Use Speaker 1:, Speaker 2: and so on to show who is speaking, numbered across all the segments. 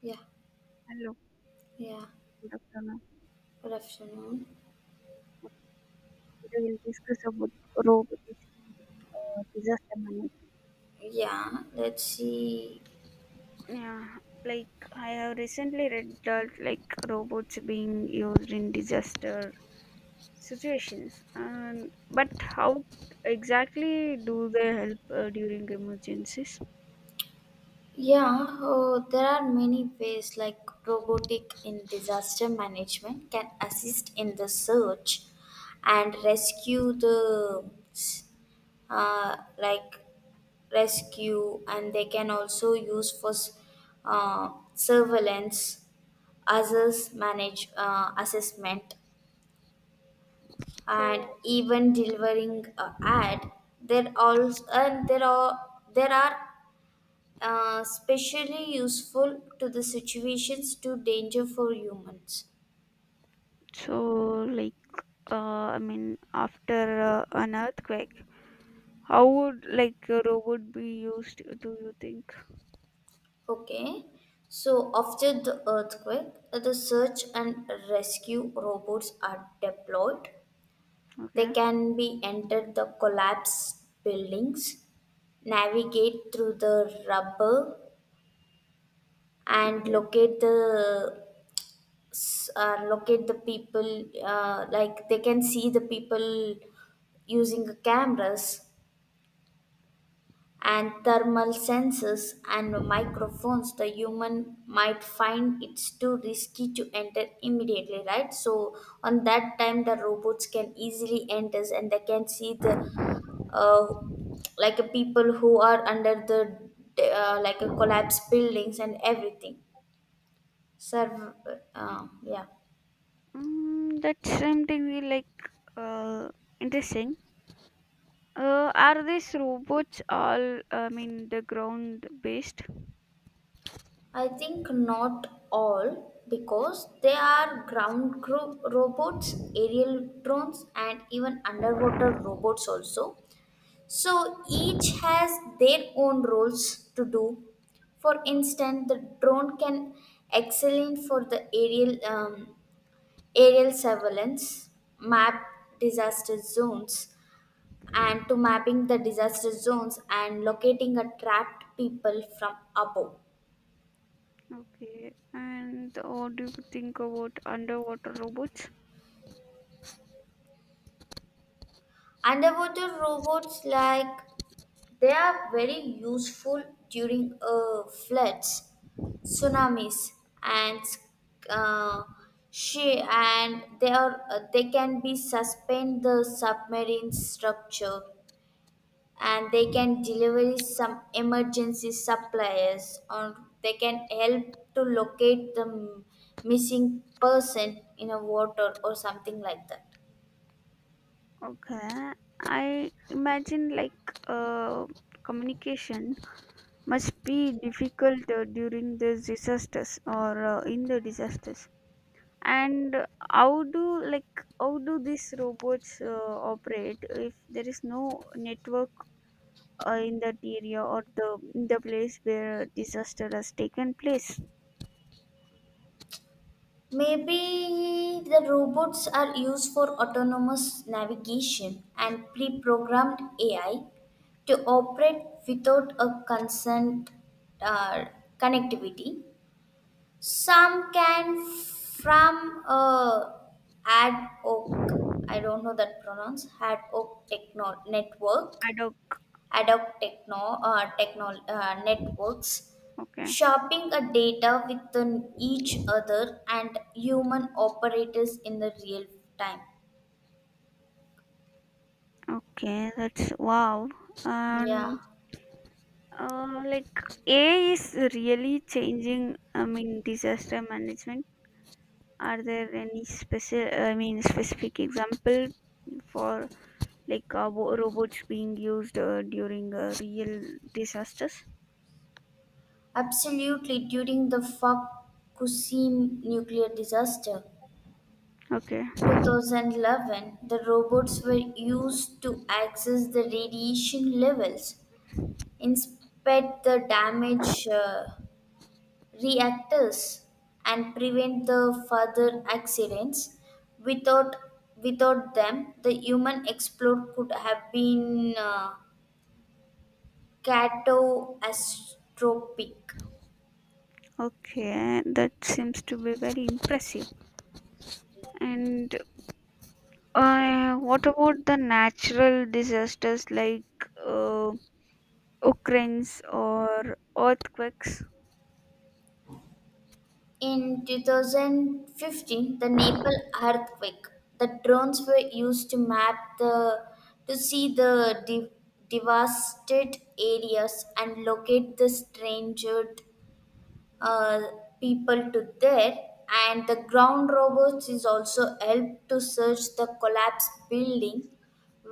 Speaker 1: Yeah,
Speaker 2: Hello,
Speaker 1: yeah.
Speaker 2: good afternoon.
Speaker 1: Good afternoon.
Speaker 2: Today we'll discuss about robotics in disaster management.
Speaker 1: Yeah, let's see.
Speaker 2: Yeah, like I have recently read that like robots being used in disaster situations, and but how exactly do they help during emergencies?
Speaker 1: Yeah, oh, there are many ways like robotic in disaster management can assist in the search and rescue the like rescue, and they can also use for surveillance, others manage assessment and
Speaker 2: So,
Speaker 1: even delivering ad there also and there are specially useful to the situations to danger for humans.
Speaker 2: So, like, after an earthquake, how would like a robot be used? Do you think?
Speaker 1: Okay, so after the earthquake the search and rescue robots are deployed. They
Speaker 2: Okay,
Speaker 1: can be entered the collapsed buildings, navigate through the rubble and
Speaker 2: okay.
Speaker 1: locate the locate the people, like they can see the people using cameras and thermal sensors and microphones. The human might find it's too risky to enter immediately, right? So on that time the robots can easily enter and they can see the uh, like a people who are under the like a collapsed buildings and everything, serve, yeah.
Speaker 2: Mm, that's something we like uh, interesting. Are these robots all, I mean, the ground based?
Speaker 1: I think not all, because they are ground robots, aerial drones, and even underwater robots also. So each has their own roles to do. For instance, the drone can excellent for the aerial aerial surveillance, map disaster zones, and to mapping the disaster zones and locating a trapped people from above.
Speaker 2: Okay. And what do you think about underwater robots?
Speaker 1: Underwater robots, like they are very useful during floods, tsunamis, and uh, she and they are they can be suspend the submarine structure and they can deliver some emergency supplies or they can help to locate the missing person in a water or something like that.
Speaker 2: Okay. I imagine like uh, communication must be difficult during the disasters or in the disasters. And how do like how do these robots operate if there is no network in that area or the place where disaster has taken place.
Speaker 1: Maybe the robots are used for autonomous navigation and pre programmed AI to operate without a consent, uh, connectivity. Some can from ad hoc, I don't know that pronounce, ad hoc techno- network,
Speaker 2: Ad hoc.
Speaker 1: adopt techno, techno networks,
Speaker 2: Okay,
Speaker 1: sharping a data within each other and human operators in the real time.
Speaker 2: okay, that's wow.
Speaker 1: Yeah,
Speaker 2: And like AI is really changing, I mean disaster management. Are there any special, I mean specific example for like robots being used during real disasters.
Speaker 1: absolutely. During the Fukushima nuclear disaster,
Speaker 2: Okay,
Speaker 1: 2011, the robots were used to access the radiation levels, inspect the damage, reactors and prevent the further accidents without them the human explode could have been catastrophic.
Speaker 2: okay, that seems to be very impressive. And what about the natural disasters like uh, Ukraine's or earthquakes?
Speaker 1: In 2015 the Nepal earthquake, the drones were used to map the to see the devastated areas and locate the stranded, uh, people to there, and the ground robots is also helped to search the collapsed building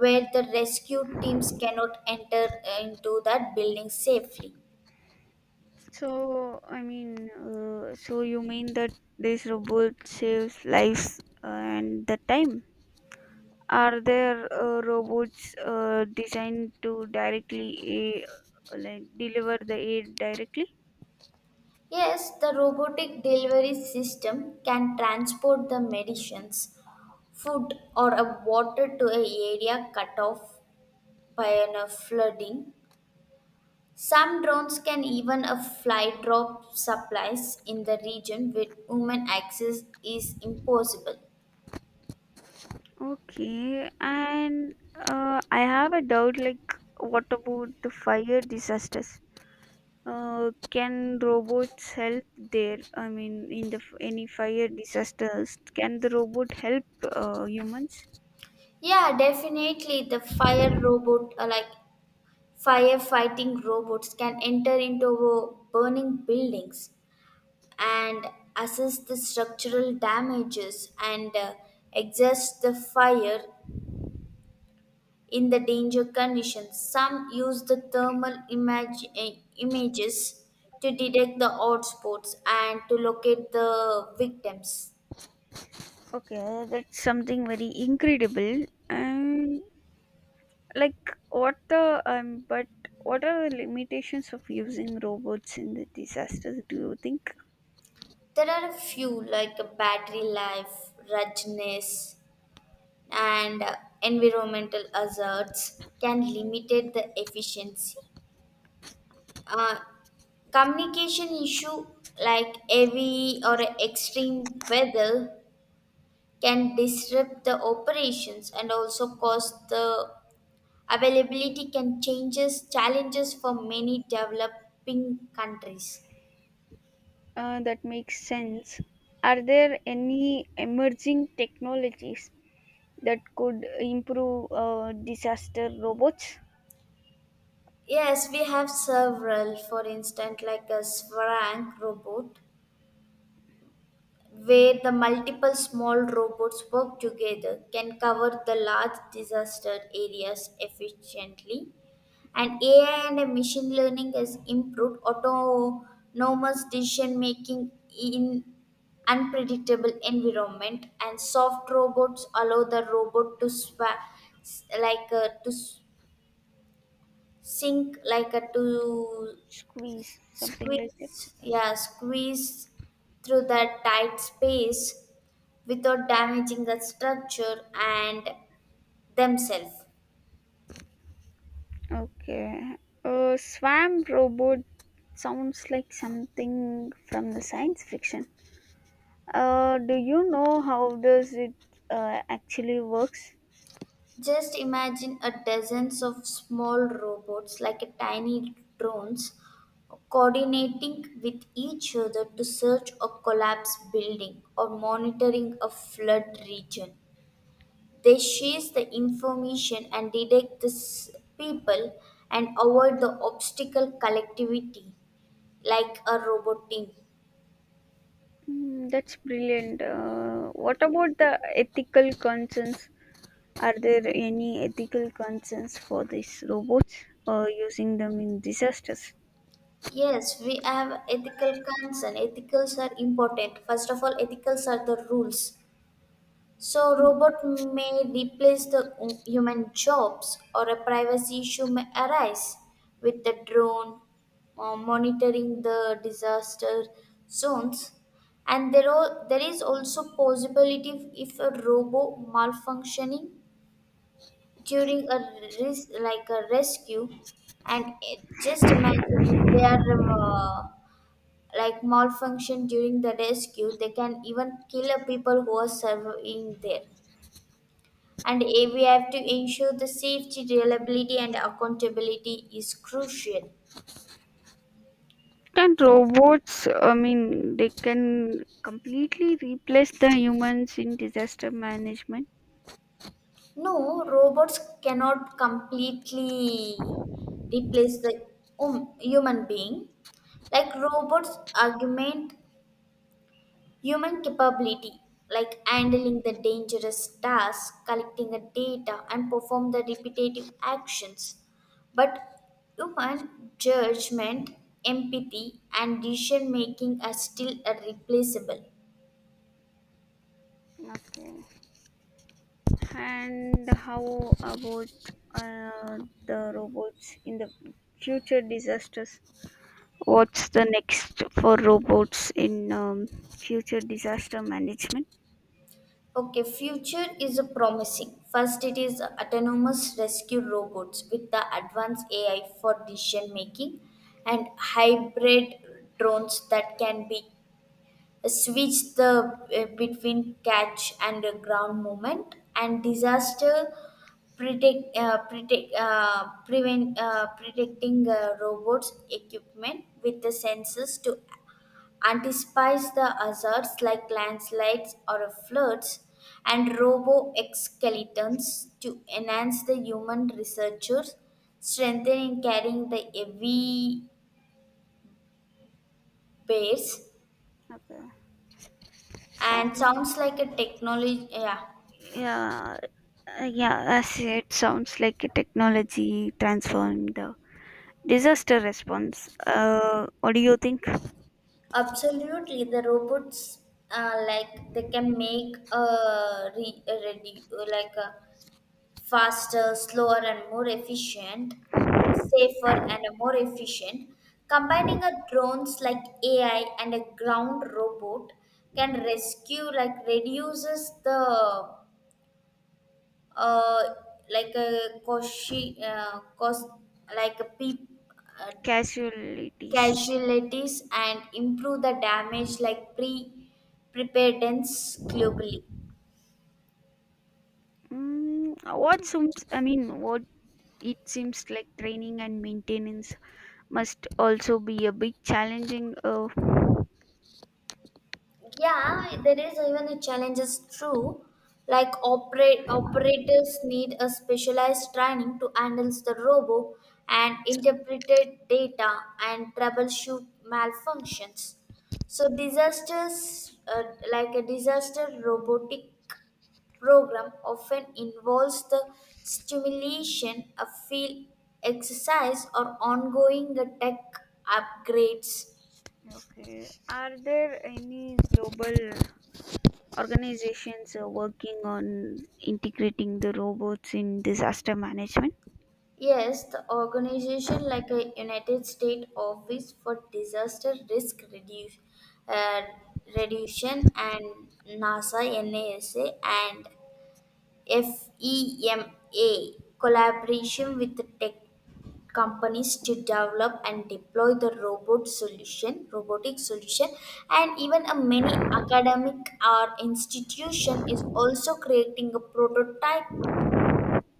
Speaker 1: where the rescue teams cannot enter into that building safely.
Speaker 2: So, I mean, so you mean that this robot saves lives and the time? Are there robots designed to directly like deliver the aid directly?
Speaker 1: Yes, the robotic delivery system can transport the medicines, food or a water to a area cut off by a flooding. Some drones can even a fly drop supplies in the region where human access is impossible.
Speaker 2: Okay, and I have a doubt like what about the fire disasters? Can robots help there? I mean, in the any fire disasters, can the robot help humans?
Speaker 1: Yeah, definitely the fire robot like firefighting robots can enter into burning buildings and assess the structural damages and exhaust the fire in the danger conditions. Some use the thermal image, eh, images to detect the hotspots and to locate the victims.
Speaker 2: Okay, that's something very incredible. And like, what the but what are the limitations of using robots in the disasters? Do you think?
Speaker 1: There are a few like a battery life, ruggedness, and environmental hazards can limit the efficiency. Uh, communication issue like heavy or extreme weather can disrupt the operations and also cause the availability can changes challenges for many developing countries.
Speaker 2: That makes sense? Are there any emerging technologies that could improve disaster robots?
Speaker 1: Yes, we have several, for instance, like a Swank robot, where the multiple small robots work together can cover the large disaster areas efficiently. And AI and machine learning has improved autonomous decision making in unpredictable environment, and soft robots allow the robot to like to sink like a to
Speaker 2: Squeeze something like
Speaker 1: squeeze,
Speaker 2: that.
Speaker 1: yeah, squeeze through the tight space without damaging the structure and themselves.
Speaker 2: Okay. Swam robot sounds like something from the science fiction. Do you know how does it actually works?
Speaker 1: Just imagine a dozens of small robots like a tiny drones coordinating with each other to search a collapsed building or monitoring a flood region. They share the information and detect the people and avoid the obstacle collectivity like a robot team.
Speaker 2: Mm, that's brilliant. What about the ethical concerns? Are there any ethical concerns for these robots using them in disasters?
Speaker 1: Yes, we have ethical concern. Ethicals are important. First of all, ethicals are the rules. So robot may replace the human jobs or a privacy issue may arise with the drone monitoring the disaster zones, and there, are, there is also possibility if a robo malfunctioning during a like a rescue, and it, just imagine if they are uh, like malfunction during the rescue they can even kill a people who are serving there, and A, we have to ensure the safety, reliability, and accountability is crucial.
Speaker 2: Can robots, I mean, they can completely replace the humans in disaster management?
Speaker 1: No, robots cannot completely replace the human being. Like robots augment human capability, like handling the dangerous tasks, collecting the data, and perform the repetitive actions. But human judgment, empathy, and decision making are still irreplaceable.
Speaker 2: Okay. And how about uh, the robots in the future disasters? What's the next for robots in future disaster management?
Speaker 1: Okay, future is a promising. First, it is autonomous rescue robots with the advanced AI for decision making, and hybrid drones that can be switch the between catch and ground movement, and disaster predicting robots equipment with the sensors to anticipates the hazards like landslides or floods, and robo-excavators to enhance the human researchers strengthening carrying the heavy bears
Speaker 2: Okay.
Speaker 1: and
Speaker 2: Sound.
Speaker 1: sounds like a technology, yeah.
Speaker 2: Yeah, yeah. As it sounds like a technology transforming the disaster response. What do you think?
Speaker 1: Absolutely, the robots like they can make a like a faster, slower, and more efficient, safer, and more efficient. Combining a drones like AI and a ground robot can rescue, like reduces the uh, like a cost, cost like a peop, uh,
Speaker 2: Casualties.
Speaker 1: casualties, and improve the damage like preparedness globally.
Speaker 2: Mm, what seems? I mean, what it seems like training and maintenance must also be a big challenging.
Speaker 1: Yeah, there is even a challenge is true. Like operate operators need a specialized training to handle the robo and interpreted data and troubleshoot malfunctions. So disasters like a disaster robotic program often involves the stimulation, a field exercise, or ongoing tech upgrades.
Speaker 2: Okay, are there any global organizations working on integrating the robots in disaster management?
Speaker 1: Yes, the organization like a United States Office for Disaster Risk Reduce, uh, Reduction, and NASA and FEMA collaboration with the tech companies to develop and deploy the robot solution, robotic solution, and even a many academic or institution is also creating a prototype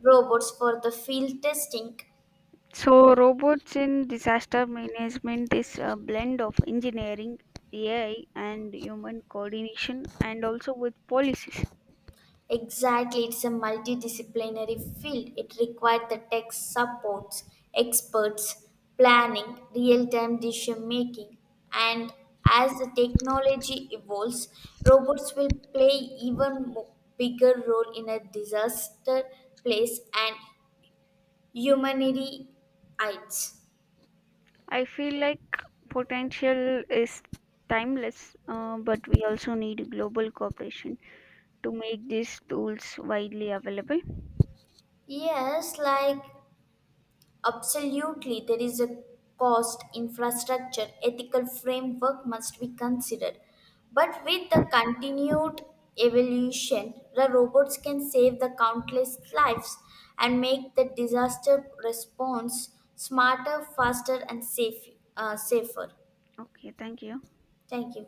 Speaker 1: robots for the field testing.
Speaker 2: So, robots in disaster management is a blend of engineering, AI, and human coordination, and also with policies.
Speaker 1: Exactly, it's a multidisciplinary field. It required the tech supports, experts, planning, real time decision making, and as the technology evolves, robots will play even bigger role in a disaster place and humanity aids.
Speaker 2: I feel like potential is timeless, but we also need global cooperation to make these tools widely available.
Speaker 1: Yes, like absolutely, there is a cost, infrastructure, ethical framework must be considered. But with the continued evolution, the robots can save the countless lives and make the disaster response smarter, faster, and safe, safer.
Speaker 2: Okay, thank you.
Speaker 1: Thank you.